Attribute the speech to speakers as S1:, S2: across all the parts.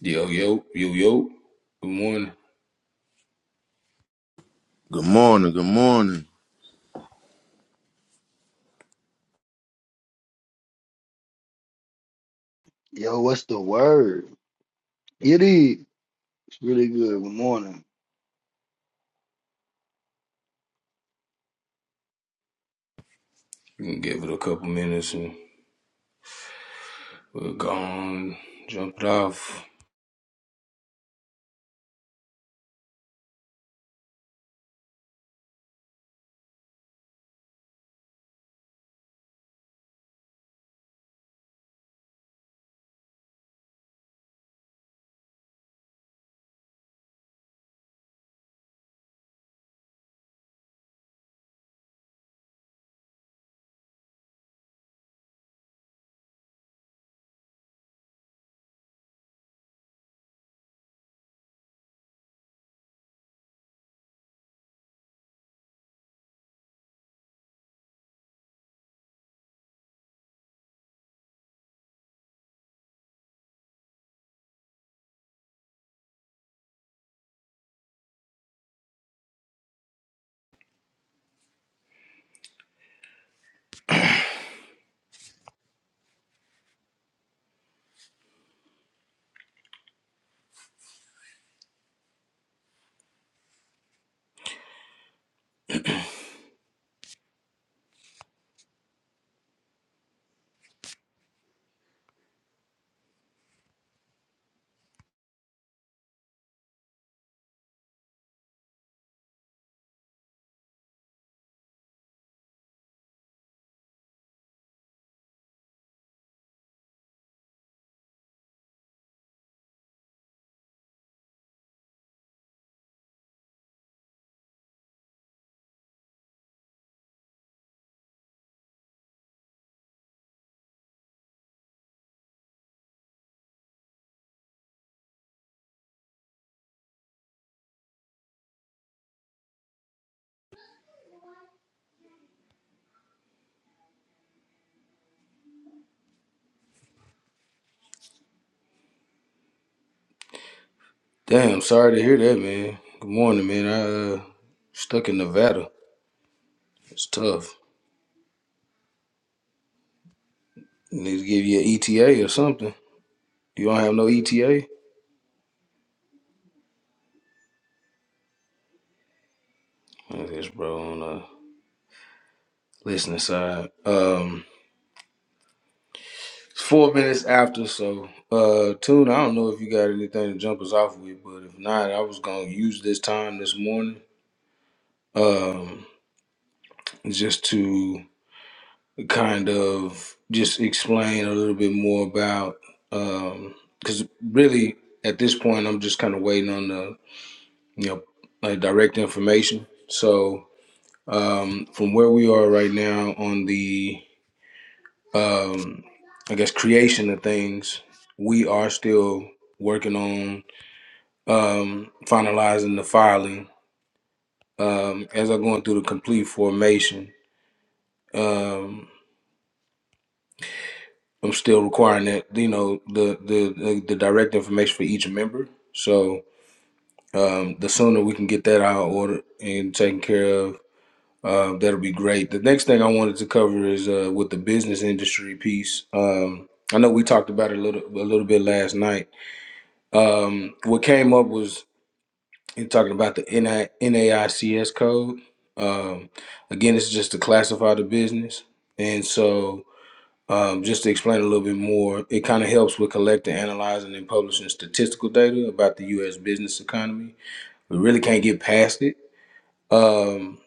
S1: Yo, yo, yo, yo. Good morning.
S2: Good morning, good morning.
S3: Yo, what's the word? It is It's really good. Good morning.
S1: You can give it a couple minutes and we're gone. Jump it off. Damn, sorry to hear that, man. Good morning, man. I uh, stuck in Nevada. It's tough. Need to give you an ETA or something. You don't have no ETA? Look at this bro on the listening side. Um, it's four minutes after, so uh, Tune, I don't know if you got anything to jump us off with, but if not, I was gonna use this time this morning um, just to kind of just explain a little bit more about because really at this point I'm just kind of waiting on the you know like direct information. So um, from where we are right now on the um, I guess creation of things, we are still working on um, finalizing the filing um, as I'm going through the complete formation. Um, I'm still requiring that you know the the the, the direct information for each member. So um, the sooner we can get that out ordered and taken care of, uh, that'll be great. The next thing I wanted to cover is uh, with the business industry piece. Um, I know we talked about it a little a little bit last night. Um, what came up was in talking about the NI, NAICS code. Um, again, it's just to classify the business, and so. Um, just to explain a little bit more, it kind of helps with collecting, analyzing, and publishing statistical data about the U.S. business economy. We really can't get past it. Um,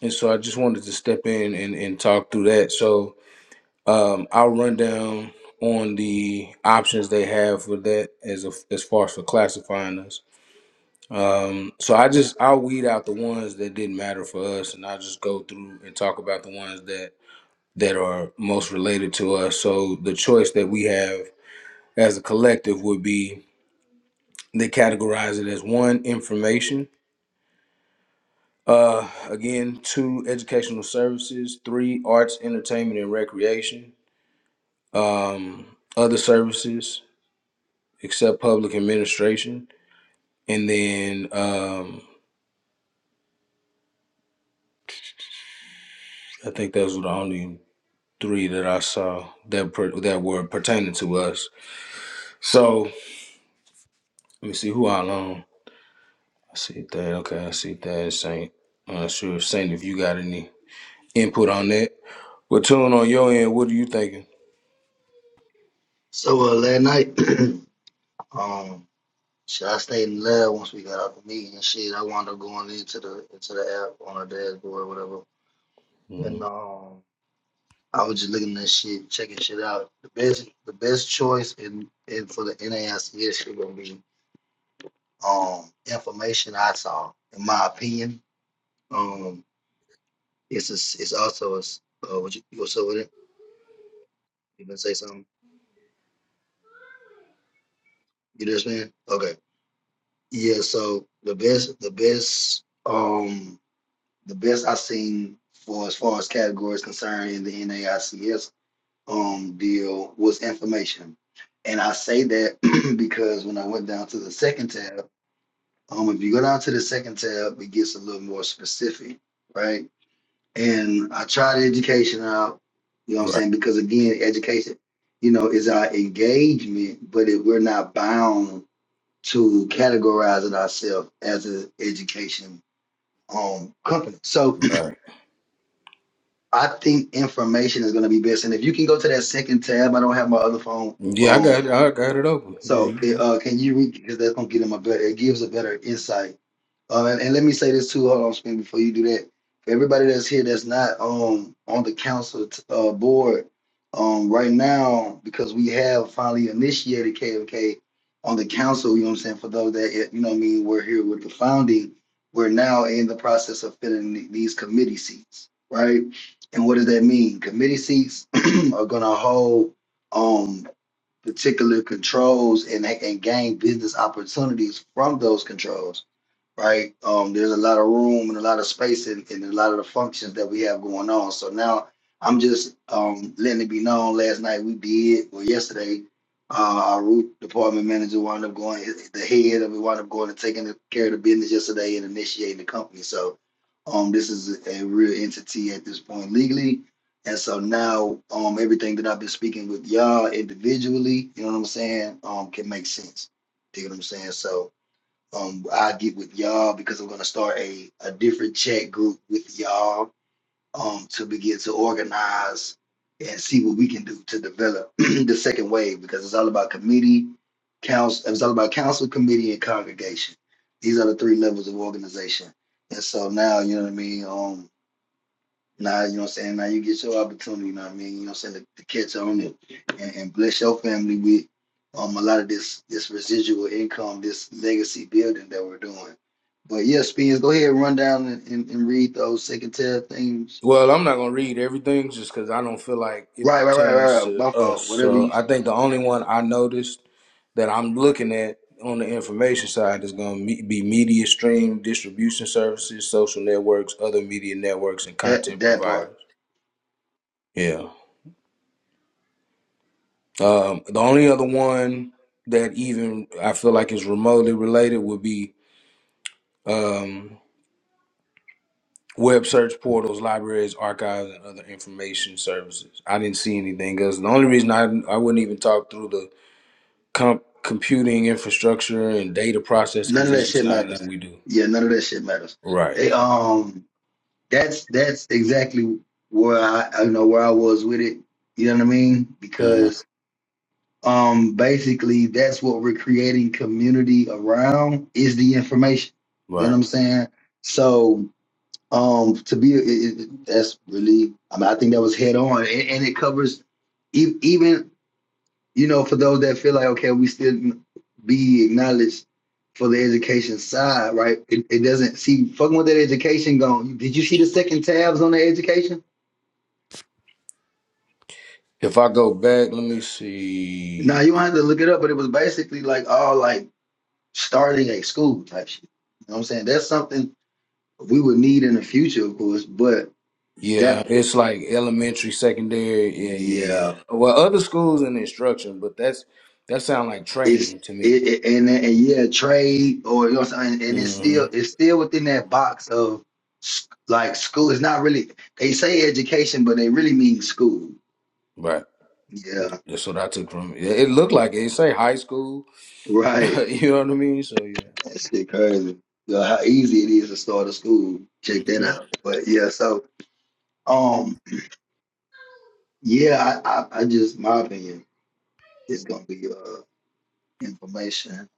S1: and so I just wanted to step in and, and talk through that. So um, I'll run down on the options they have for that as a, as far as for classifying us. Um, so I just I'll weed out the ones that didn't matter for us, and I'll just go through and talk about the ones that that are most related to us. So the choice that we have as a collective would be they categorize it as one information uh again two educational services three arts entertainment and recreation um other services except public administration and then um i think those were the only three that i saw that per, that were pertaining to us so let me see who i own i see that okay i see that saint i'm not sure if saint if you got any input on that What tune on your end? What are you thinking?
S3: So uh, last night, um, shit, I stayed in the lab once we got out the meeting and shit. I wound up going into the into the app on our dashboard or whatever, and
S1: Mm,
S3: um, I was just looking at shit, checking shit out. The best the best choice in, in for the NAICS shit gonna be um information I saw, in my opinion. Um, it's a, it's also a s- uh, what you you gonna say with it? You gonna say something? You just man? Okay Yeah, so the best, the best, um, the best I've seen for as far as categories concerned in the NAICS um deal was information, and I say that because when I went down to the second tab, um, if you go down to the second tab, it gets a little more specific, right? And I tried education out, you know what I'm
S1: right,
S3: saying? Because again, education, you know, is our engagement, but if we're not bound to categorizing ourselves as an education um, company. So
S1: right.
S3: I think information is going to be best. And if you can go to that second tab, I don't have my other phone.
S1: Yeah, I
S3: um,
S1: got it. I got it open. Yeah,
S3: so,
S1: you
S3: it,
S1: good.
S3: uh, can you read because that's gonna get him a better. It gives a better insight. Um, and, and let me say this too. Hold on, Spin, before you do that. For everybody that's here that's not um on the council t- uh, board, um, right now because we have finally initiated KFK on the council. You know what I'm saying? For those that eh, you know, what I mean, we're here with the founding. We're now in the process of filling the- these committee seats, right? And what does that mean? Committee seats are gonna hold. Um, particular controls and, and gain business opportunities from those controls right? Um, there's a lot of room and a lot of space in, in a lot of the functions that we have going on. So now I'm just um, letting it be known. Last night we did, or yesterday, uh, our root department manager wound up going, the head of it wound up going and taking care of the business yesterday and initiating the company. So um, this is a real entity at this point legally. And so now um, everything that I've been speaking with y'all individually, you know what I'm saying, um, can make sense. You know what I'm saying? So um, I get with y'all because I'm gonna start a a different chat group with y'all um to begin to organize and see what we can do to develop the second wave because it's all about committee, council. It's all about council, committee, and congregation. These are the three levels of organization. And so now, you know what I mean. Um, now, you know what I'm saying? Now you get your opportunity, you know what I mean? You know what I'm saying? To, to catch on it and, and bless your family with um a lot of this this residual income, this legacy building that we're doing. But yeah, Spence, go ahead and run down and, and, and read those second tier things.
S1: Well, I'm not gonna read everything just because I don't feel like it
S3: Right, right, right,
S1: pertains
S3: right, right.
S1: to
S3: My
S1: us.
S3: fault. Whatever
S1: So
S3: you
S1: I think the only one I noticed that I'm looking at on the information side is gonna me- be media stream, distribution services, social networks, other media networks, and
S3: that
S1: content
S3: that part.
S1: providers. Yeah. Um, the only other one that even I feel like is remotely related would be. um, Web search portals, libraries, archives, and other information services. I didn't see anything else. The only reason I I wouldn't even talk through the comp- computing infrastructure and data process
S3: None
S1: because
S3: of that
S1: it's just
S3: shit
S1: not nothing
S3: matters.
S1: we do.
S3: Yeah, none of that shit matters.
S1: Right.
S3: They um that's that's exactly where I I you know where I was with it. You know what I mean?
S1: Mhm.
S3: because. um basically that's what we're creating community around is the information you know what
S1: Right.
S3: i'm saying so um to be it, it, that's really i mean i think that was head on and, and it covers e- even you know for those that feel like okay we still be acknowledged for the education side right it, it doesn't see fucking with that education gone did you see the second tabs on the education
S1: If I go back, let me
S3: no
S1: see.
S3: you don't have to look it up but it was basically like all like starting a school type shit. You know what I'm saying? That's something we would need in the future, of course, but
S1: Yeah,
S3: that
S1: it's like elementary, secondary. Yeah, yeah,
S3: yeah,
S1: yeah. Well, other schools and instruction, but that's that sound like
S3: it's
S1: training to me.
S3: it, it and and yeah, trade or you know what I'm saying, and it's
S1: hmm
S3: still it's still within that box of s- like school. It's not really they say education, but they really mean school.
S1: Right.
S3: Yeah,
S1: That's what I took from it. It looked like it. It say high school.
S3: right.
S1: you know what I mean? So yeah.
S3: That shit crazy. Yeah, how easy it is to start a school. Check that
S1: Mhm.
S3: out. But yeah, so um yeah, I I, I just my opinion is gonna be uh information.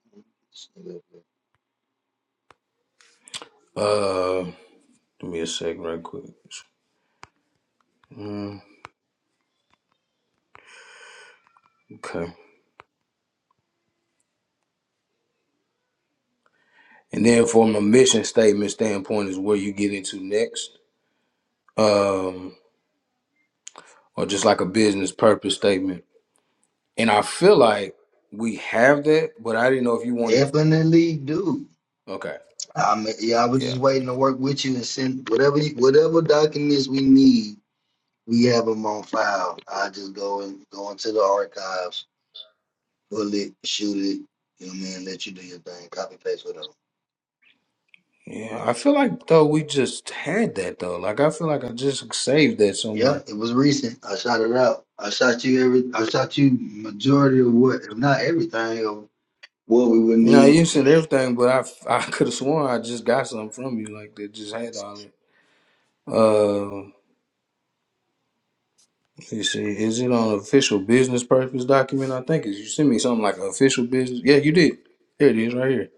S1: Uh, give me a second, right quick. Okay. And then from a mission statement standpoint is where you get into next, um, or just like a business purpose statement. And I feel like we have that, but I didn't know if you wanted to.
S3: Definitely do.
S1: Okay.
S3: I mean, yeah, I was just
S1: Yeah.
S3: waiting to work with you and send whatever you, whatever documents we need. We have them on file. I just go and go into the archives, pull it, shoot it. You know what I mean? Let you do your thing. Copy paste whatever.
S1: Yeah. I feel like though we just had that though. Like I feel like I just saved that
S3: Yeah,
S1: somewhere.
S3: it was recent. I shot it out. I shot you every. I shot you majority of what, if not everything, of what we would
S1: You know,
S3: need.
S1: you said everything, but I I could have sworn I just got something from you like that. Just had all it. You see, is it on official business purpose document? I think is you sent me something like official business. Yeah, you did. Here it is, right here.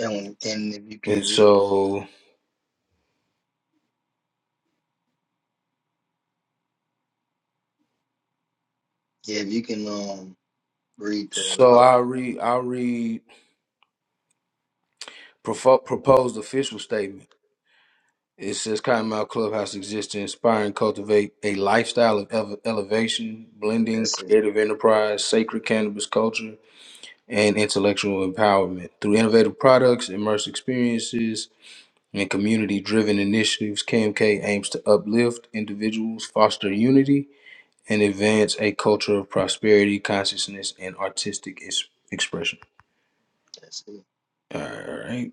S3: And and if you
S1: And
S3: can read,
S1: so,
S3: yeah, if you can um read that
S1: so
S3: off.
S1: I'll read. I'll read propo- proposed official statement. It says Cottonmouth Clubhouse exists to inspire and cultivate a lifestyle of ele- elevation, blending
S3: That's it.
S1: creative enterprise, sacred cannabis culture, and intellectual empowerment through innovative products, immersive experiences, and community driven initiatives, KMK aims to uplift individuals, foster unity, and advance a culture of prosperity, consciousness, and artistic ex- expression.
S3: That's it.
S1: All right,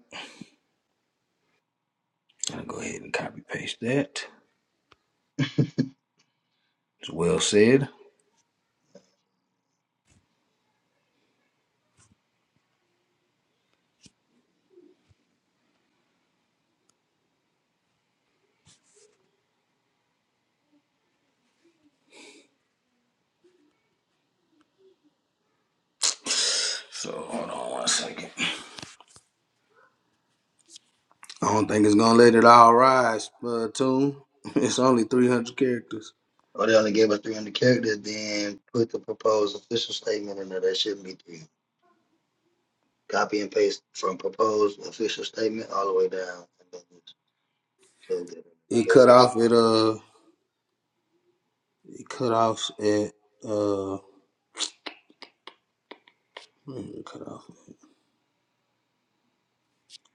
S1: I'll go ahead and copy paste that. It's well said. So hold on one second. I don't think it's gonna let it all rise, uh, tune. It's only
S3: Okay.
S1: 300 characters.
S3: Or they only gave us three hundred characters, then put the proposed official statement in there. That shouldn't be three. Copy and paste from proposed official statement all the way down. And then just plug that in there,
S1: It cut
S3: basically.
S1: off at uh, it cut off at uh, it cut off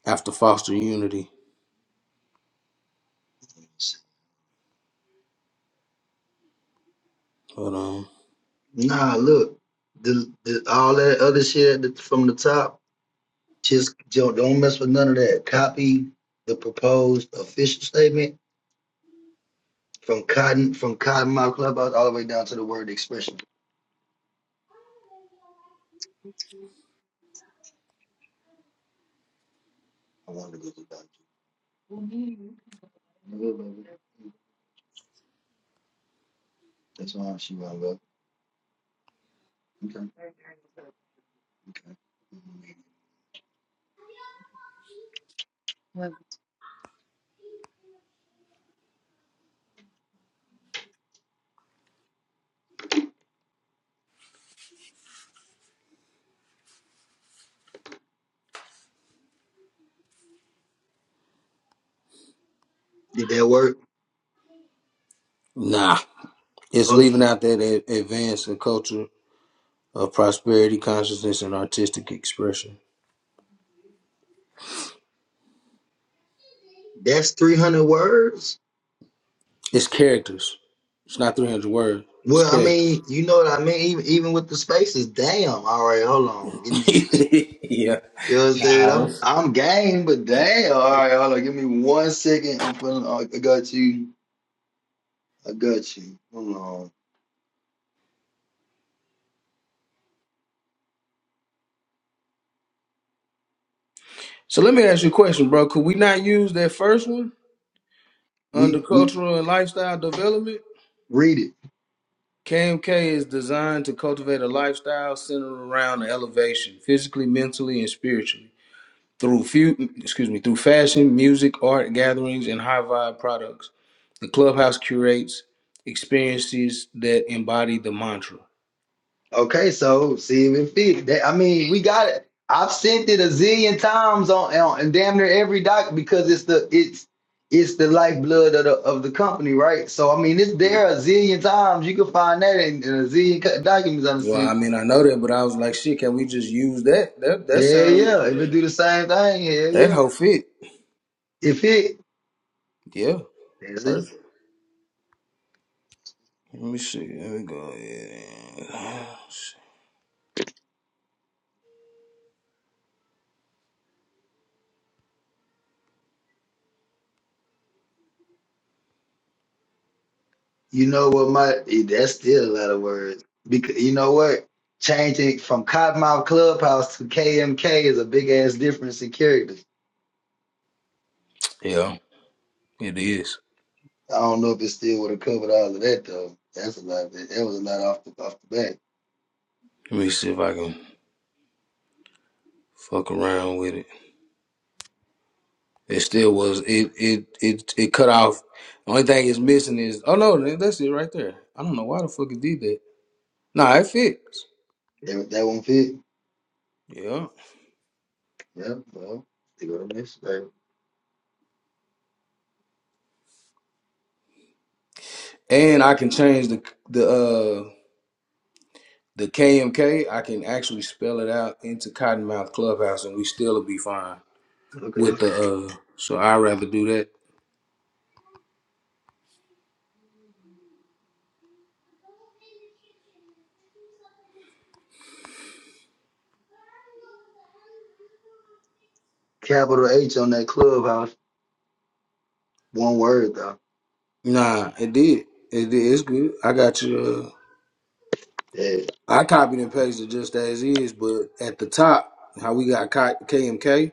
S1: after Foster Unity. Hold on.
S3: Nah, look, the, the all that other shit that- from the top, just don't, don't mess with none of that. Copy the proposed official statement from Cotton from cottonmouth Clubhouse all the way down to the word expression. I wanted to go to that. That's all she wound go. Okay, okay. Did that work?
S1: Nah, It's
S3: Oh,
S1: leaving out that a- advance a culture of prosperity, consciousness, and artistic expression.
S3: that's three hundred words.
S1: It's characters. It's not 300 words. It's
S3: Well, I
S1: characters.
S3: mean, you know what I mean. Even even with the spaces, damn. All right, hold on. Give me.
S1: yeah.
S3: You know what I'm saying?
S1: Nah,
S3: I'm
S1: it's,
S3: I'm game, but damn. All right, hold on. Give me one second. I'm feeling. I got you. I got you. Hold on.
S1: So let me ask you a question, bro. Could we not use that first one under
S3: We we
S1: cultural and lifestyle development?
S3: read it.
S1: KMK is designed to cultivate a lifestyle centered around elevation, physically, mentally, and spiritually. through few, excuse me, through fashion, music, art gatherings, and high vibe products. The clubhouse curates experiences that embody the mantra.
S3: Okay, so see if it fit. That- I mean, we got it. I've sent it a zillion times on, on and damn near every doc because it's the it's it's the lifeblood of the of the company, right? So I mean, it's there a zillion times. You can find that in, in a zillion co- documents. I'm
S1: Well, I
S3: saying,
S1: mean, I know that, but I was like, shit, can we just use that? That
S3: hell
S1: that sounds,
S3: yeah, if it
S1: yeah,
S3: do the same thing, hell
S1: that
S3: yeah.
S1: whole fit,
S3: If it,
S1: yeah,
S3: that's it.
S1: perfect. Let me see. Let me go. Yeah,
S3: You know what, my eh, that's still a lot of words. Because you know what, changing from Cottonmouth Clubhouse to KMK is a big ass difference in character.
S1: yeah, it is.
S3: I don't know if it still would have covered all of that though. That's a lot. That, that was a lot off the off the bat.
S1: Let me see if I can fuck around with it. It still was. It it it it cut off. The only thing it's missing is oh no, that's it right there. I don't know why the fuck it did that. Nah, it fits.
S3: That, that won't fit.
S1: Yeah,
S3: Yeah, well, they go to next thing.
S1: and I can change the the uh the KMK. I can actually spell it out into Cottonmouth Clubhouse, and we still will be fine with
S3: Okay.
S1: the uh. So I would rather do that.
S3: Capital H on that clubhouse. One word though.
S1: Nah, it did. It did. It's good. I got you. Uh,
S3: Yeah.
S1: I copied and pasted just as is, but at the top, how we got co- KMK,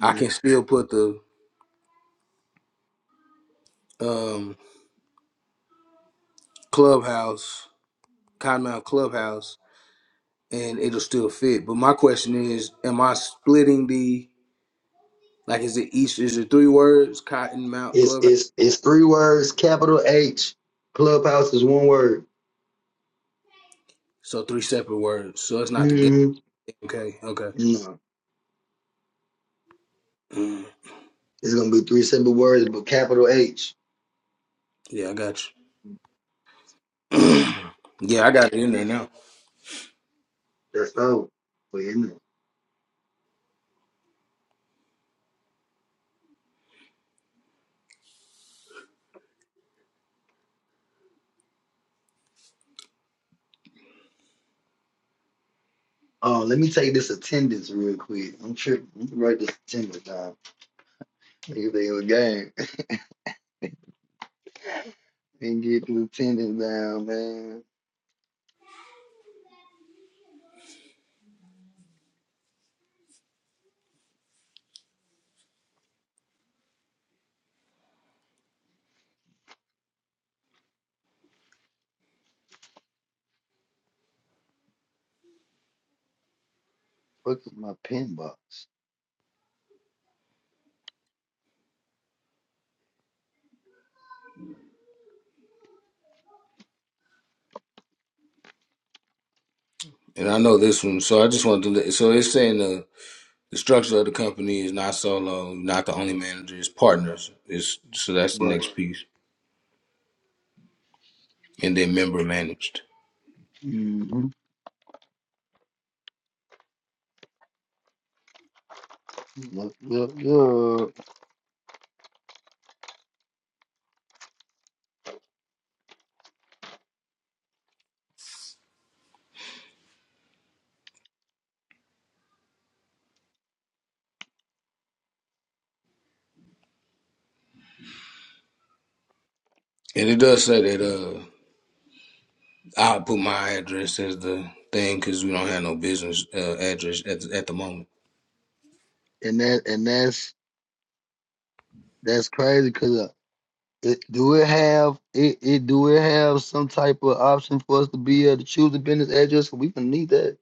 S1: I can
S3: Mhm.
S1: still put the um, Clubhouse, Cottonmouth Clubhouse, and it'll still fit. But my question is, am I splitting the like? Is it each? Is it three words? Cottonmouth
S3: It's
S1: Clubhouse.
S3: it's it's three words. Capital H. Clubhouse is one word.
S1: So three separate words. So it's not together.
S3: hmm
S1: Okay. Okay.
S3: No,
S1: Mm,
S3: it's gonna be three simple words, but capital H.
S1: yeah, I got you. yeah, I got it in there now,
S3: That's all. Wait a minute. Oh, let me take this attendance real quick. I'm tripping. Let me write this attendance down. Nigga, they a game. and get Lieutenant down, man. Look at my pin box.
S1: and I know this one. So I just wanted to. Let, so it's saying the. The structure of the company is not solo, not the only manager, it's partners. It's, so that's the
S3: But
S1: next piece. And then member managed.
S3: hmm look, look, look,
S1: And it does say that uh, I'll put my address as the thing because we don't have no business uh, address at the, at the moment.
S3: and that and that's that's crazy because uh, it do it have it, it do it have some type of option for us to be able to choose a business address? We can need that.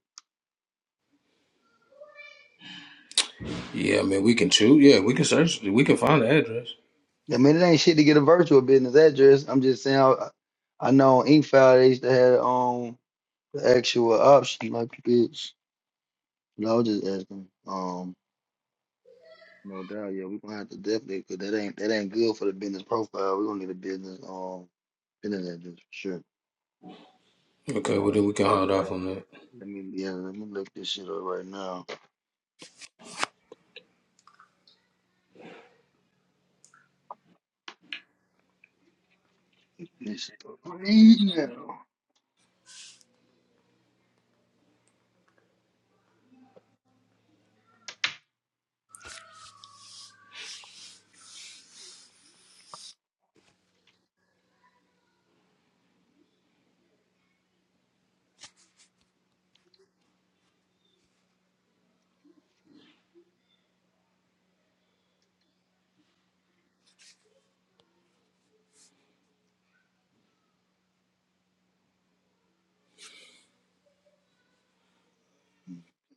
S1: Yeah, I mean we can choose. Yeah, we can search. We can find the address.
S3: I mean, it ain't shit to get a virtual business address. I'm just saying, I, I know on Inkfile they used to have on the actual option like it's. No, I was just asking. Um. No doubt, yeah, we're gonna have to definitely because that ain't that ain't good for the business profile. We're gonna need a business um business address for sure.
S1: Okay, well
S3: Matter
S1: then we can
S3: matter of
S1: hold off
S3: fact,
S1: on that.
S3: let me yeah, let me look this shit up right now. This right now.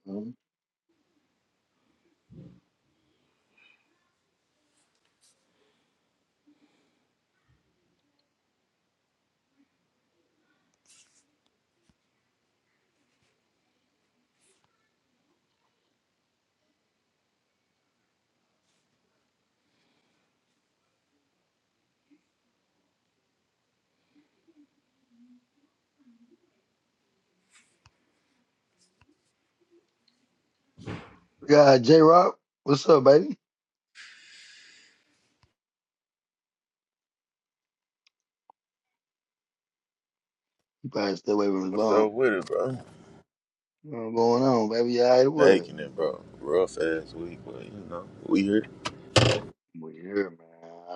S3: Mhm. Yeah, J Rock, what's up, baby? You probably stay away from his
S2: What's
S3: phone.
S2: up with it, bro?
S3: What's going on, baby? You all right, what?
S2: Making it, bro. Rough ass week, but you know, we here.
S3: We here, man.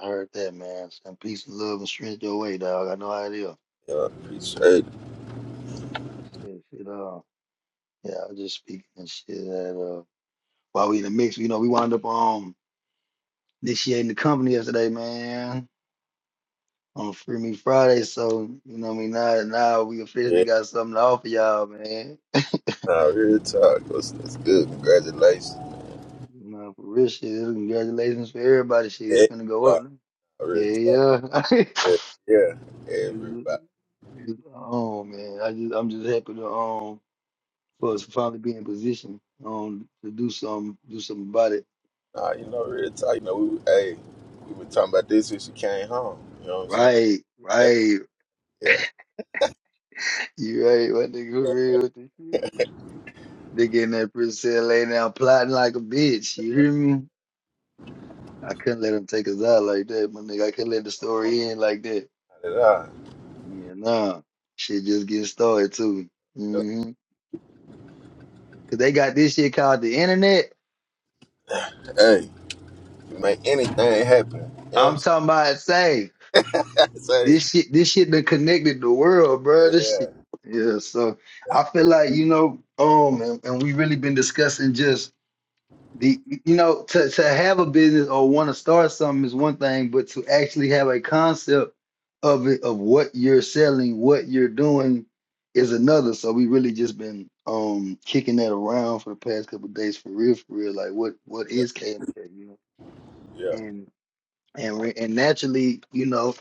S3: I heard that, man. Some peace and love and strength your way, dog. I know how it is.
S2: Yeah, I appreciate it.
S3: Shit, shit, uh, yeah, I was just speaking and shit that uh while we in the mix, you know, we wound up on. initiating the company yesterday, man, on Free Me Friday. So, you know what I mean? Now, now we officially
S2: Yeah,
S3: got something to offer y'all, man.
S2: nah, real talk. That's, that's good. Congratulations.
S3: You know, for real shit. Congratulations for everybody. Shit, it's gonna go up.
S2: Everybody. Real talk.
S3: Yeah, yeah.
S2: Yeah, yeah,
S3: It's-
S2: everybody.
S3: it's- oh man, I just I'm just happy to um for us to finally be in position um to do some do something about it.
S2: Nah, you know, real talk. You know, we, hey, we were talking about this when she came home. You know what I'm saying?
S3: Right,
S2: Yeah,
S3: right.
S2: yeah. yeah.
S3: You right, my nigga for real with this shit. They in that prison cell laying down plotting like a bitch. You hear me? I couldn't let him take us out like that, my nigga. I couldn't let the story end like that.
S2: Not at all.
S3: Yeah, nah. Shit just getting started too.
S2: Yep.
S3: Mm-hmm. Cause they got this shit called the internet.
S2: Hey, you make anything happen. You know what I'm
S3: I'm
S2: saying?
S3: talking about say
S2: I say,
S3: this shit. This shit that connected the world, bro. This
S2: yeah,
S3: shit. Yeah. So I feel like you know, um, and, and we really been discussing just. the you know to, to have a business or want to start something is one thing but to actually have a concept of it of what you're selling what you're doing is another so we really just been um kicking that around for the past couple of days for real for real like what what
S2: yeah,
S3: is KMK you know
S2: yeah,
S3: and and re- and naturally you know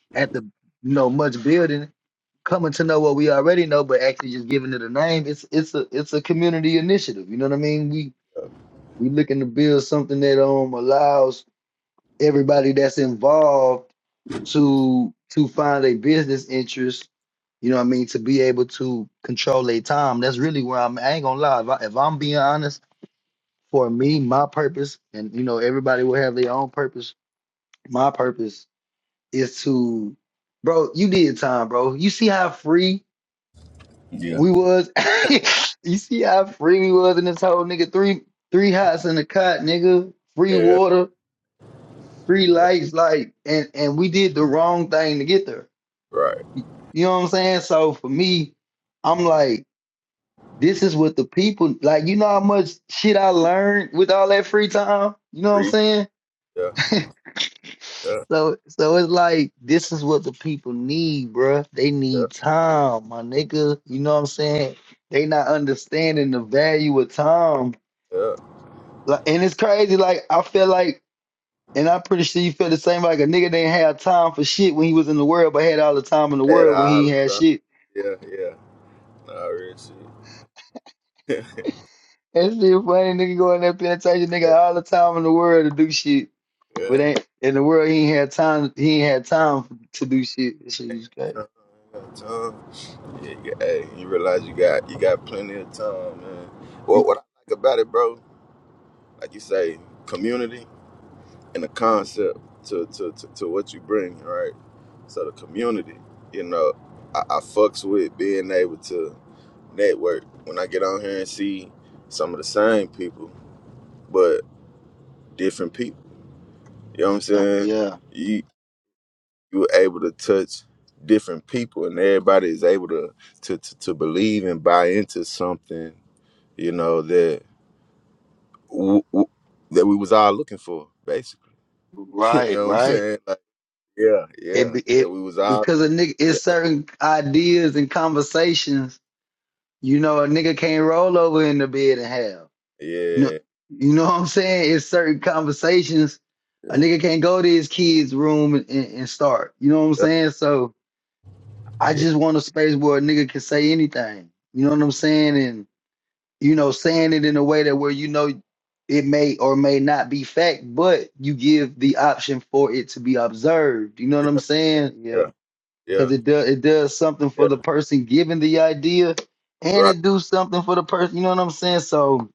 S3: at the you know much building coming to know what we already know but actually just giving it a name it's it's a it's a community initiative you know what I mean we looking to build something that um allows everybody that's involved to to find a business interest, you know what I mean, to be able to control their time. That's really where I'm I ain't gonna lie. If, I, if I'm being honest, for me, my purpose, and you know, everybody will have their own purpose. My purpose is to bro, you did time, bro. You see how free
S2: yeah.
S3: we was? you see how free we was in this whole nigga three three hots in the cot, nigga, free
S2: yeah.
S3: water. free lights, like, and and we did the wrong thing to get there.
S2: Right.
S3: You know what I'm saying? So for me, I'm like, this is what the people like. You know how much shit I learned with all that free time. You know what I'm
S2: Preach.
S3: saying?
S2: Yeah. Yeah.
S3: So so it's like this is what the people need, bruh. They
S2: Yeah.
S3: need time, my nigga. You know what I'm saying? They not understanding the value of time.
S2: Yeah.
S3: Like, and it's crazy. Like I feel like And I'm pretty sure you felt the same like a nigga didn't have time for shit when he was in the world, but had all the time in the
S2: Had
S3: world when he
S2: all the
S3: had
S2: time.
S3: shit.
S2: Yeah. Yeah. No, I really see. yeah.
S3: That's still funny, nigga going there penetration, nigga all the time in the world to do shit.
S2: Yeah.
S3: But ain't in the world he ain't had time he ain't had time to do shit. That shit is
S2: Ain't
S3: crazy.
S2: got time, ain't got time. Yeah, you, hey, you realize you got you got plenty of time, man. What what I like about it, bro, like you say, community and the concept to to, to, to what you bring, right? So the community, you know, I, I fucks with being able to network. When I get on here and see some of the same people, but different people. You know what I'm
S3: Yeah,
S2: saying?
S3: yeah.
S2: You you were able to touch different people, and everybody is able to to to, to believe and buy into something. You know that w- w- that we was all looking for, basically. you
S3: Right,
S2: know what I'm
S3: right.
S2: saying? Like, yeah,
S3: It
S2: yeah,
S3: be-
S2: that
S3: it
S2: we was all,
S3: because a nigga
S2: yeah,
S3: it's certain ideas and conversations, you know, a nigga can't roll over in the bed and have. No,
S2: yeah,
S3: you know what I'm saying? It's certain conversations a
S2: yeah,
S3: nigga can't go to his kid's room and, and, and start. You know what I'm
S2: yeah,
S3: saying? So I just want a space where a nigga can say anything. You know what I'm saying? And you know, saying it in a way that where you know it may or may not be fact, but you give the option for it to be observed. You know what
S2: yeah,
S3: I'm saying?
S2: yeah,
S3: Yeah.
S2: yeah,
S3: Cause it does it does something for
S2: yeah.
S3: the person giving the idea and
S2: right,
S3: it do something for the person, you know what I'm saying? So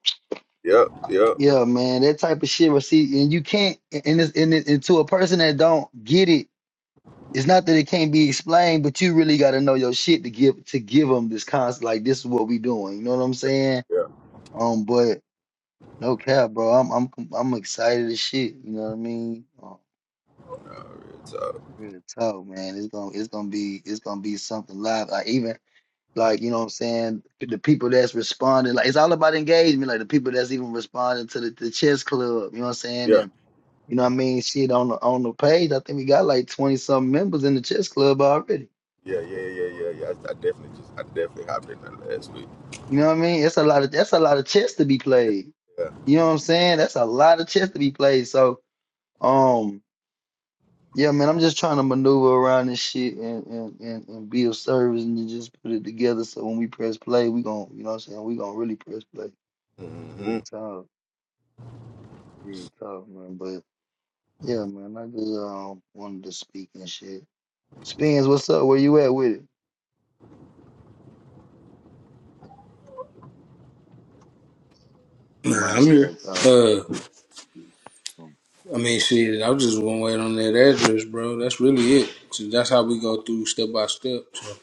S2: yep, yep,
S3: yeah, man, that type of shit. But see, and you can't, and it's, and, it, and to a person that don't get it, it's not that it can't be explained, but you really got to know your shit to give to give them this concept. Like this is what we doing. You know what I'm saying?
S2: yeah.
S3: Um, but no cap, bro. I'm I'm I'm excited as shit. You know what I mean? Um,
S2: So,
S3: real talk, man. It's gonna it's gonna be it's gonna be something live. Like even like you know what I'm saying. The people that's responding, like it's all about engagement. Like the people that's even responding to the, the chess club. You know what I'm saying? And
S2: yeah,
S3: You know what I mean? Shit on the on the page. I think we got like twenty something members in the chess club already.
S2: yeah, yeah, yeah, yeah, yeah. I, I definitely just, I definitely hopped in there last week.
S3: You know what I mean? That's a lot of that's a lot of chess to be played.
S2: Yeah.
S3: You know what I'm saying? That's a lot of chess to be played. So um yeah, man, I'm just trying to maneuver around this shit and and, and, and be of service and to just put it together so when we press play, we gon' you know what I'm saying, we gonna really press play.
S2: hmm
S3: Real talk. Real talk, man. But yeah, man, I just um wanted to speak and shit. Spins, what's up? Where you at with it? You might
S1: Nah,
S3: have
S1: I'm here.
S3: stepped out.
S1: Uh, I mean, shit, I was just one wait on that address, bro. That's really it. So that's how we go through step by step. So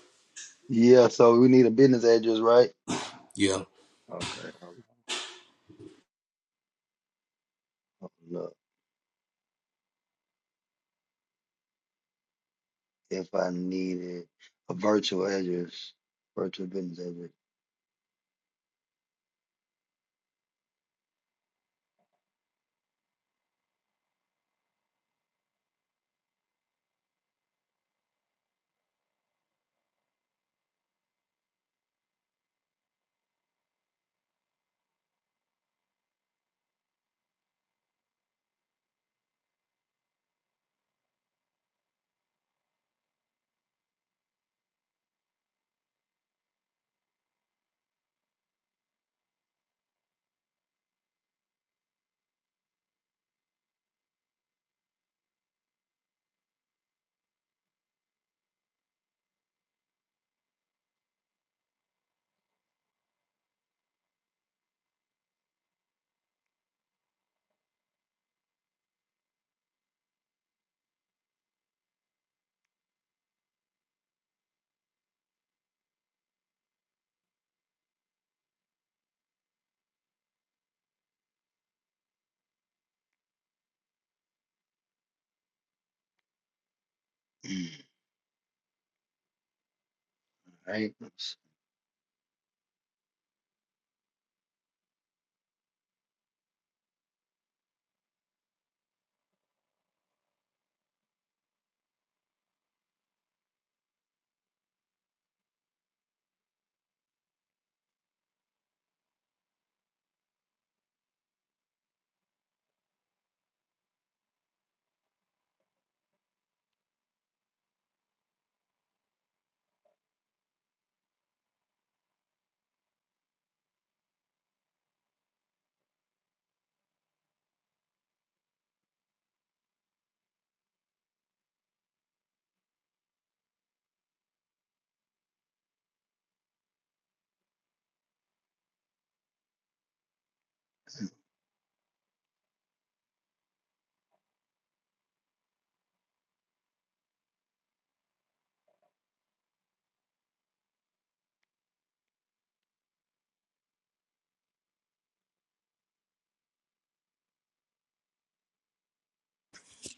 S3: Yeah, so we need a business address, right?
S1: yeah,
S3: Okay. Yep. hold on, hold up. If I needed a virtual address, virtual business address. Right. let's-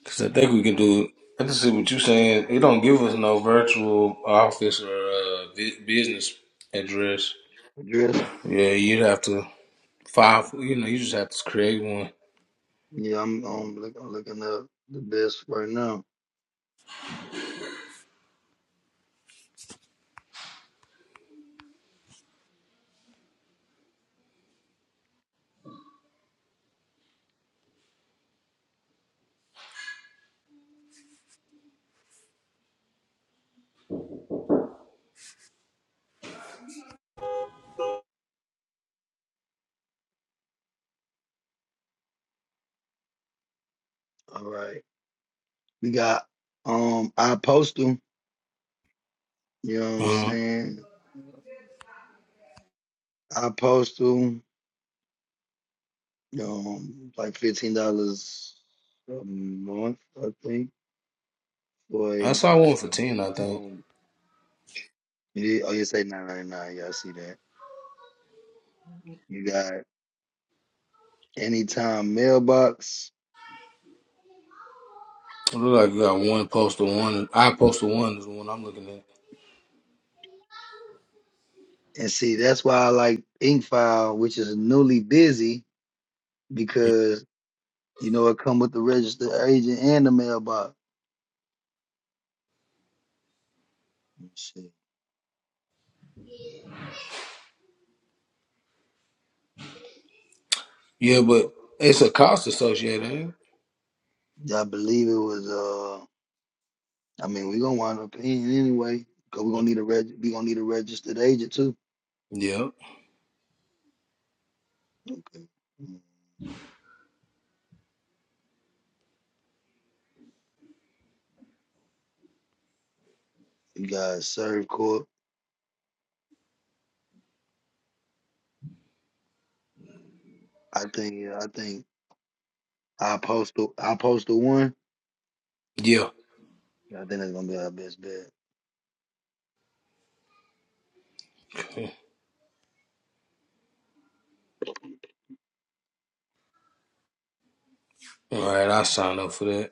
S1: because I think we can do it. I just see what you're saying. It don't give us no virtual office or uh, bu- business address.
S3: Address.
S1: Yeah, you'd have to file. for- You know, you just have to create one.
S3: Yeah, I'm um look, I'm looking up the best right now. All right. We got um iPostal, you know what I'm
S1: hmm
S3: saying? iPostal, um like fifteen dollars a month, I think, for
S1: I
S3: a
S1: saw one for ten. I think
S3: um it is, oh you say nine ninety nine, yeah, I see that. You got anytime mailbox.
S1: it look like you got one poster one. I poster one is the one I'm looking at.
S3: And see, that's why I like Inkfile, which is newly busy because you know it come with the registered agent and the mailbox. Let's see.
S1: Yeah,
S3: what we
S1: but
S3: got.
S1: it's a cost associated. ain't
S3: I believe it was. uh I mean, we're gonna wind up paying anyway because we're gonna need a reg. We gonna need a registered agent too.
S1: it? Yeah,
S3: Okay. Mm. You guys, Serve Corp. I think. uh, I think I postal. I postal one.
S1: yeah.
S3: I think that's gonna be our best bet.
S1: All right, I sign up for that.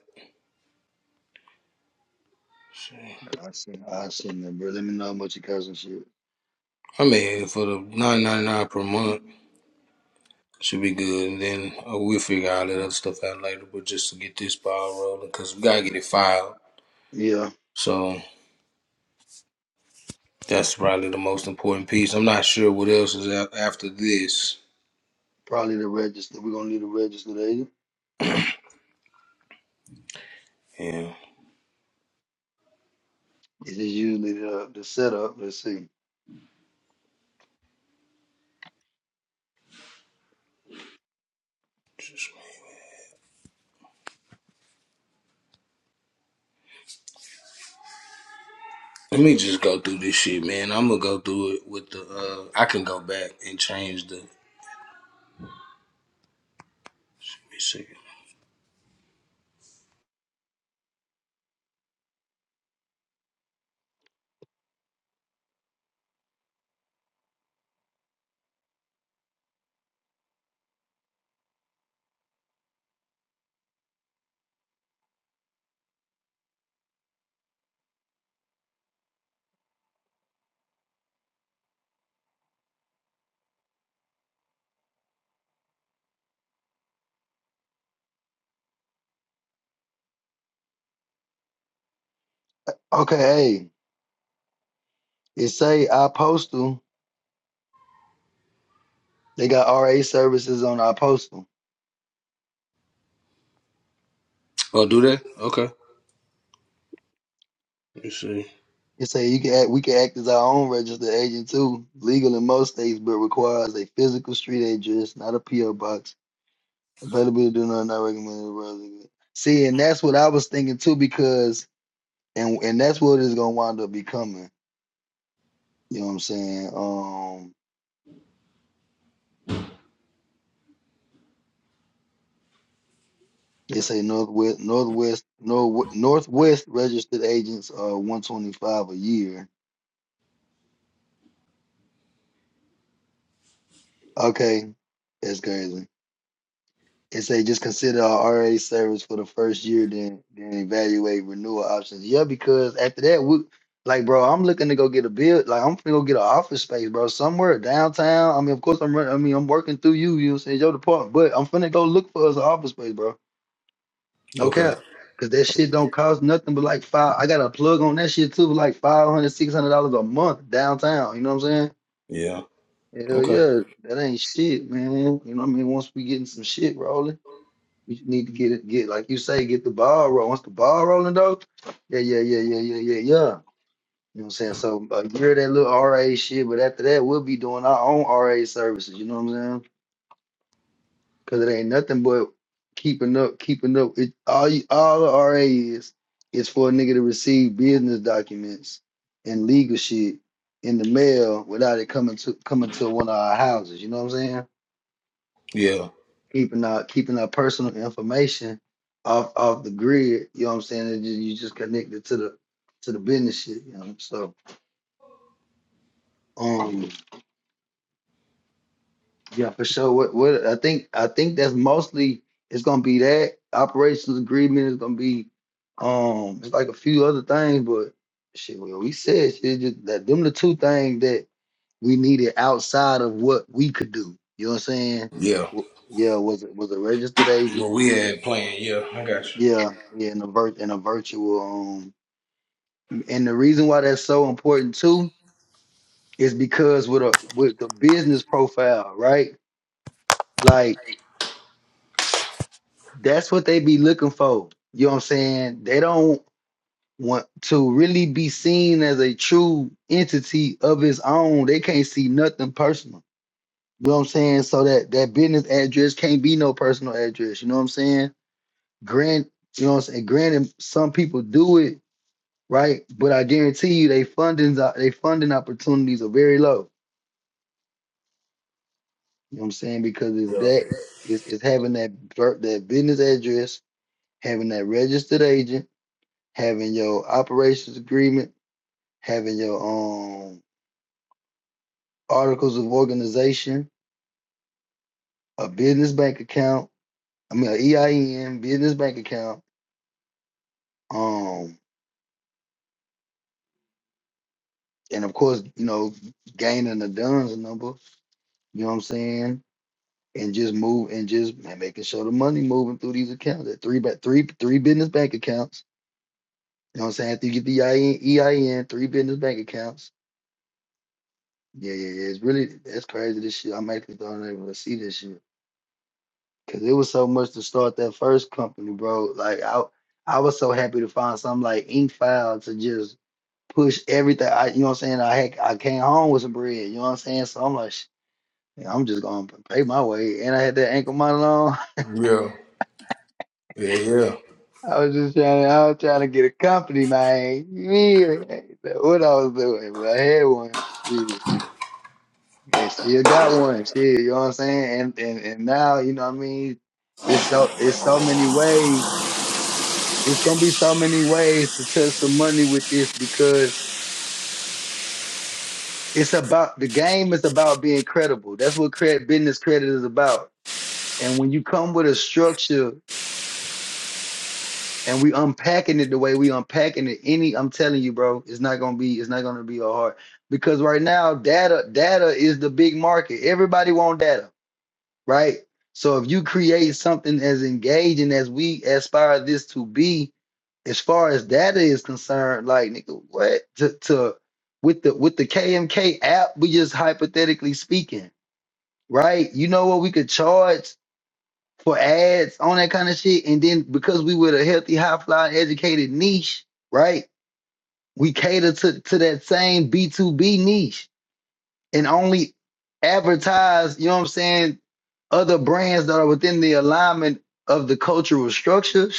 S1: Shit.
S3: I send. I send them, bro. Let me know how much it costs and shit.
S1: I mean, for the nine ninety nine per month should be good, and then uh, we'll figure all that other stuff out later. But just to get this ball rolling, because we gotta get it filed.
S3: Yeah.
S1: So that's probably the most important piece. I'm not sure what else is out after this.
S3: Probably the register. We're gonna need a register agent.
S1: Yeah.
S3: This is usually the the setup. Let's see.
S1: Let me just go through this shit, man. I'm gonna go through it with the. Uh, I can go back and change the. Let me see.
S3: Okay, hey, it say our postal. They got RA services on our postal.
S1: Oh, do that? Okay. Let me see.
S3: It say you can act, we can act as our own registered agent too. Legal in most states, but requires a physical street address, not a PO box. Availability do not not recommended. See, and that's what I was thinking too, because and and that's what it's gonna wind up becoming. You know what I'm saying? Um It's a northwest, northwest, north, northwest registered agents are one twenty five a year. Okay, that's crazy. It say just consider our RA service for the first year, then then evaluate renewal options. Yeah, because after that, we like, bro, I'm looking to go get a build. Like, I'm gonna go get an office space, bro, somewhere downtown. I mean, of course, I'm running. I mean, I'm working through you. You know, what I'm saying your department, but I'm finna go look for us an office space, bro. No
S1: Okay.
S3: cap. Cause that shit don't cost nothing but like five. I got a plug on that shit too, for like five hundred, six hundred dollars a month downtown. You know what I'm
S1: Yeah.
S3: saying? Hell
S1: Okay.
S3: yeah, that ain't shit, man. You know what I mean? Once we getting some shit rolling, we just need to get it, get like you say, get the ball rolling. Once the ball rolling though, yeah, yeah, yeah, yeah, yeah, yeah, yeah. You know what I'm saying? So a year of that little RA shit, but after that, we'll be doing our own RA services. You know what I'm saying? Cause it ain't nothing but keeping up, keeping up. It all you, all the RA is is for a nigga to receive business documents and legal shit in the mail without it coming to coming to one of our houses. You know what I'm saying?
S1: Yeah.
S3: Keeping our keeping our personal information off off the grid. You know what I'm saying? It ju- you just connected to the to the business shit. You know. So um, Yeah, for sure. What what I think I think that's mostly it's gonna be that operations agreement is gonna be um it's like a few other things, but shit, well we said shit just that them the two things that we needed outside of what we could do. You know what I'm saying?
S1: Yeah.
S3: W- Yeah, was it was a registered agent.
S1: What we had playing? Yeah, I got
S3: Yeah, yeah, in a vir- in a virtual um and the reason why that's so important too is because with a with the business profile, right? Like that's what they be looking for. You know what I'm saying? They don't want to really be seen as a true entity of its own. They can't see nothing personal. You know what I'm saying? So that that business address can't be no personal address. You know what I'm saying? Grant, you know what I'm saying? Granted, some people do it right, but I guarantee you, they fundings, are- they funding opportunities are very low. You know what I'm saying? Because it's
S1: you.
S3: that it's, it's having that that business address, having that registered agent having your operations agreement, having your um articles of organization, a business bank account, I mean a EIN, business bank account, um, and of course, you know, gaining the DUNS number, you know what I'm saying? And just move and just ma- making sure the money moving through these accounts. That three ba- three three business bank accounts. You know what I'm saying? After you get the EIN, three business bank accounts. Yeah, yeah, yeah. It's really that's crazy. This shit, I'm actually starting to able to see this shit. Cause it was so much to start that first company, bro. Like I, I was so happy to find something like Inkfile to just push everything. I, you know what I'm saying? I had, I came home with some bread. You know what I'm saying? So I'm like, "Sh- yeah, I'm just gonna pay my way. And I had that ankle monitor on.
S1: Yeah. Yeah. Yeah.
S3: I was just trying, I was trying to get a company, man. You feel me? That's What I was doing, but I had one. Shit, yeah, still got one. Shit, you know what I'm saying? And and and now, you know what I mean? It's so it's so many ways It's gonna be so many ways to touch some money with this because it's about the game is about being credible. That's what credit business credit is about. And when you come with a structure and we unpacking it the way we unpacking it, any I'm telling you, bro, it's not gonna be it's not gonna be a hard because right now data data is the big market. Everybody want data, right? So if you create something as engaging as we aspire this to be, as far as data is concerned, like nigga, what to, to with the with the KMK app, we just hypothetically speaking, right? You know what we could charge for ads on that kind of shit, and then because we with a healthy, high flying, educated niche, right? We cater to to that same B two B niche and only advertise. You know what I'm saying? Other brands that are within the alignment of the cultural structure.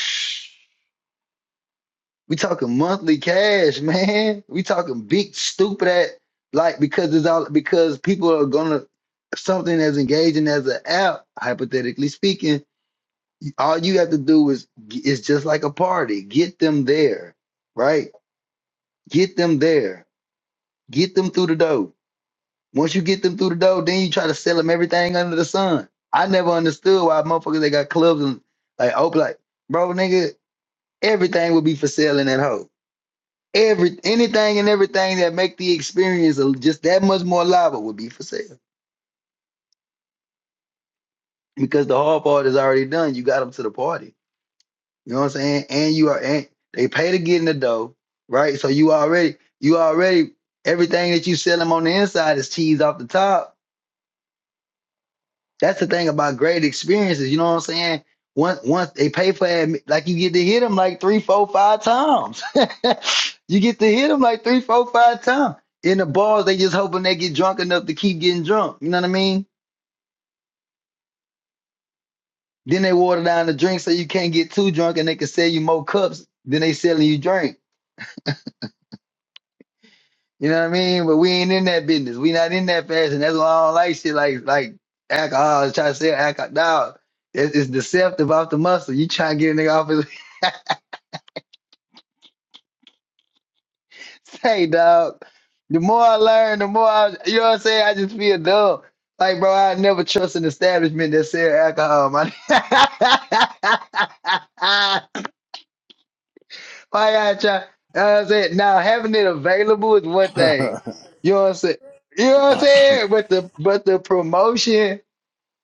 S3: We talking monthly cash, man. We talking big stupid at like because it's all because people are gonna something as engaging as an app, hypothetically speaking, all you have to do is is just like a party. Get them there, right? Get them there. Get them through the door. Once you get them through the door, then you try to sell them everything under the sun. I never understood why motherfuckers they got clubs and like open like, bro, nigga, everything would be for sale in that hoe Every anything and everything that make the experience a- just that much more lively would be for sale because the hard part is already done. You got them to the party. You know what I'm saying? And you are and they pay to get in the dough, right? So you already you already everything that you sell them on the inside is cheese off the top That's the thing about great experiences. You know what I'm saying? Once once they pay for it, like you get to hit them like three, four, five times. you get to hit them like three, four, five times. In the bars, they just hoping they get drunk enough to keep getting drunk. You know what I mean? Then they water down the drink so you can't get too drunk, and they can sell you more cups than they selling you drink. You know what I mean? But we ain't in that business. We not in that fashion. That's why I don't like shit like like alcohol. Try to sell alcohol. Nah, it's, it's deceptive off the muscle. You trying to get a nigga off his. Hey, dog. The more I learn, the more I, you know what I'm saying. I just feel dumb. Like, bro, I never trust an establishment that sell alcohol. man. why I try? You know what I'm saying. Now, having it available is one thing.
S1: Yeah.
S3: You know what I'm saying. You know what I'm saying. But the but the promotion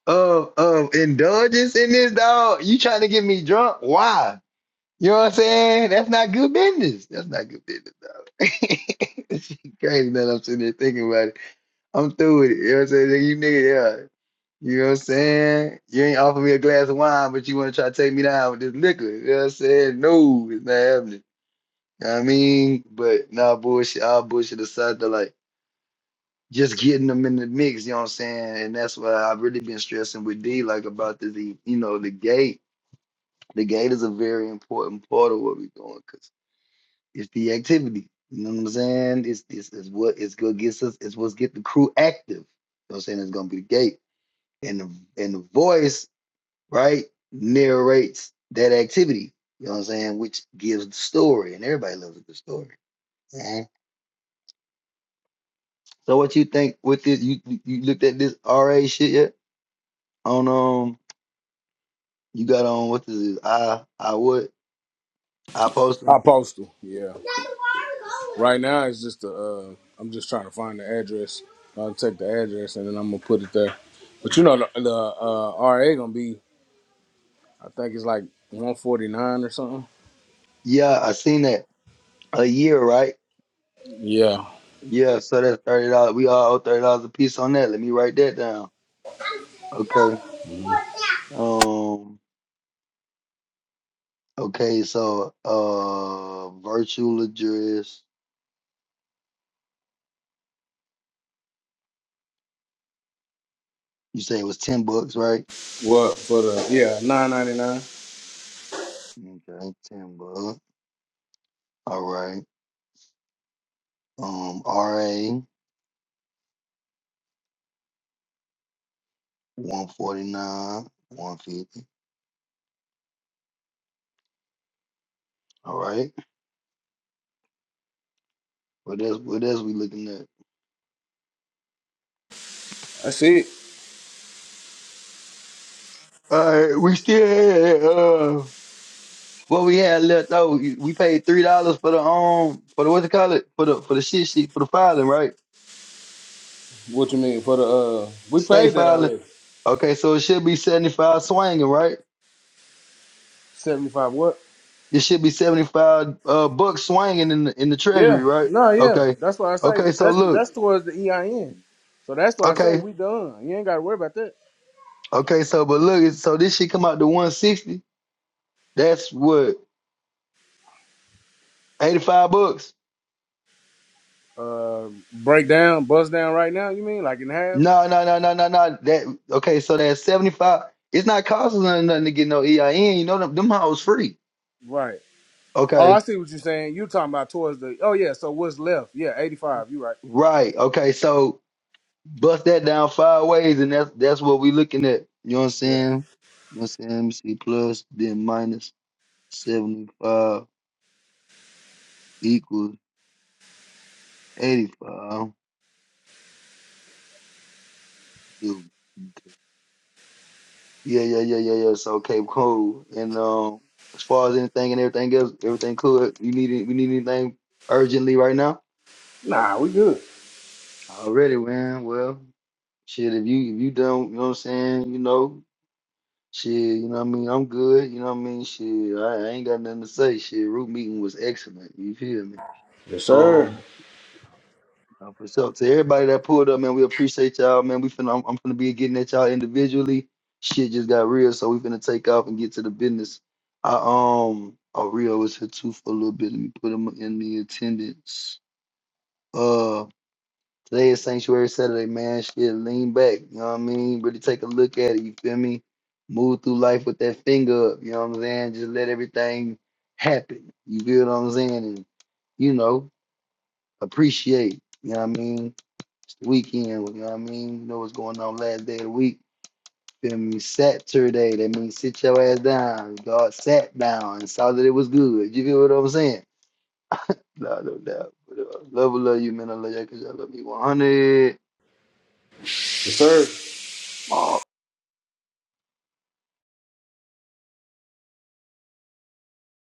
S3: of of indulgence in this dog. You trying to get me drunk? Why? You know what I'm saying. That's not good business. That's not good business. It's crazy that I'm sitting there thinking about it. I'm through with it. You know what I'm saying? Like, You nigga, yeah. You know what I'm saying? You ain't offer me a glass of wine, but you want to try to take me down with this liquor. You know what I'm saying? No, it's not happening. You know what I mean? But nah, bullshit, all bullshit aside, to like just getting them in the mix, you know what I'm saying? And that's why I've really been stressing with D, like about the, the you know, the gate. The gate is a very important part of what we're doing because. It's the activity. You know what I'm saying? It's it's, it's what it's what gets us. It's what's get the crew active. You know what I'm saying? It's gonna be the gate and the and the voice right narrates that activity. You know what I'm saying? Which gives the story, and everybody loves a good story. Mhm. So what you think with this? You you you looked at this RA shit yet? On um, you got on what is it? I I would I post
S1: I
S3: them.
S1: post postal. Yeah. Right now it's just the. Uh, I'm just trying to find the address. I'll take the address and then I'm gonna put it there. But you know the, the uh, RA gonna be. I think it's like 149 or something.
S3: Yeah, I seen that a year, right?
S1: Yeah.
S3: Yeah, so that's thirty dollars. We all owe thirty dollars a piece on that. Let me write that down. Okay. Um. Okay. So, uh, virtual address. You say it was ten bucks, right?
S1: What for the yeah nine ninety nine?
S3: Okay, ten bucks. All right. Um. RA one forty nine, one fifty. All right. What else? What else we looking at?
S1: That's it.
S3: All right. We still had uh. What we had left though, we we paid three dollars for the um for the what you call it for the for the shit sheet for the filing, right?
S1: What you mean for the uh? We
S3: state
S1: paid that
S3: filing.
S1: already.
S3: Okay, so it should be seventy five swinging, right?
S1: Seventy five. What?
S3: It should be seventy five uh bucks swinging in the, in the treasury,
S1: Yeah.
S3: right?
S1: No. Yeah.
S3: Okay,
S1: That's why I
S3: okay.
S1: say
S3: So
S1: that's
S3: look,
S1: that's towards the EIN. So that's why I say
S3: okay,
S1: we done. You ain't got to worry about that.
S3: okay. So but look, it's- so this shit come out to one sixty. That's what eighty five bucks.
S1: Uh, break down, bust down right now. You mean like in half?
S3: No, no, no, no, no, no. That okay. So that's seventy five. It's not costing us nothing to get no EIN. You know them them hoes free.
S1: Right. Oh,
S3: Okay,
S1: I see what you're saying. You talking about towards the? Oh yeah. So what's left? Yeah, eighty five. You right.
S3: right. Okay, so Bust that down five ways, and that's that's what we looking at. You know what I'm
S1: Yeah.
S3: saying? You know what I'm saying? Let me see. Plus, then minus 75 equals 85. Dude. Okay. Yeah, yeah, yeah, yeah, yeah. So, okay, cool. And um, as far as anything and everything else, everything cool. You need it- we need anything urgently right now?
S1: Nah, we good.
S3: Already, man. Well, shit, if you if you done, you know what I'm saying, you know. Shit, you know what I mean? I'm good, you know what I mean? Shit, I, I ain't got nothing to say. Shit, root meeting was excellent. You feel me?
S1: Yes sir.
S3: Um, uh, for sure. To everybody that pulled up, man, we appreciate y'all, man. We finna, I'm, I'm finna be getting at y'all individually. Shit just got real, so we finna take off and get to the business. I um, oh Rio was here too for a little bit. Let me put him in the attendance. Uh. Today is Sanctuary Saturday, man. Shit, lean back. You know what I mean? Really take a look at it. You feel me? Move through life with that finger up. You know what I'm saying? Just let everything happen. You feel what I'm saying? And, you know, appreciate. You know what I mean? It's the weekend. You know what I mean? You know what's going on last day of the week. Feel me? Saturday. That means sit your ass down. God sat down and saw that it was good. You feel what I'm saying? No, no doubt. But, uh, Love, love you, man. I love you because I love you 100.
S1: Yes sir.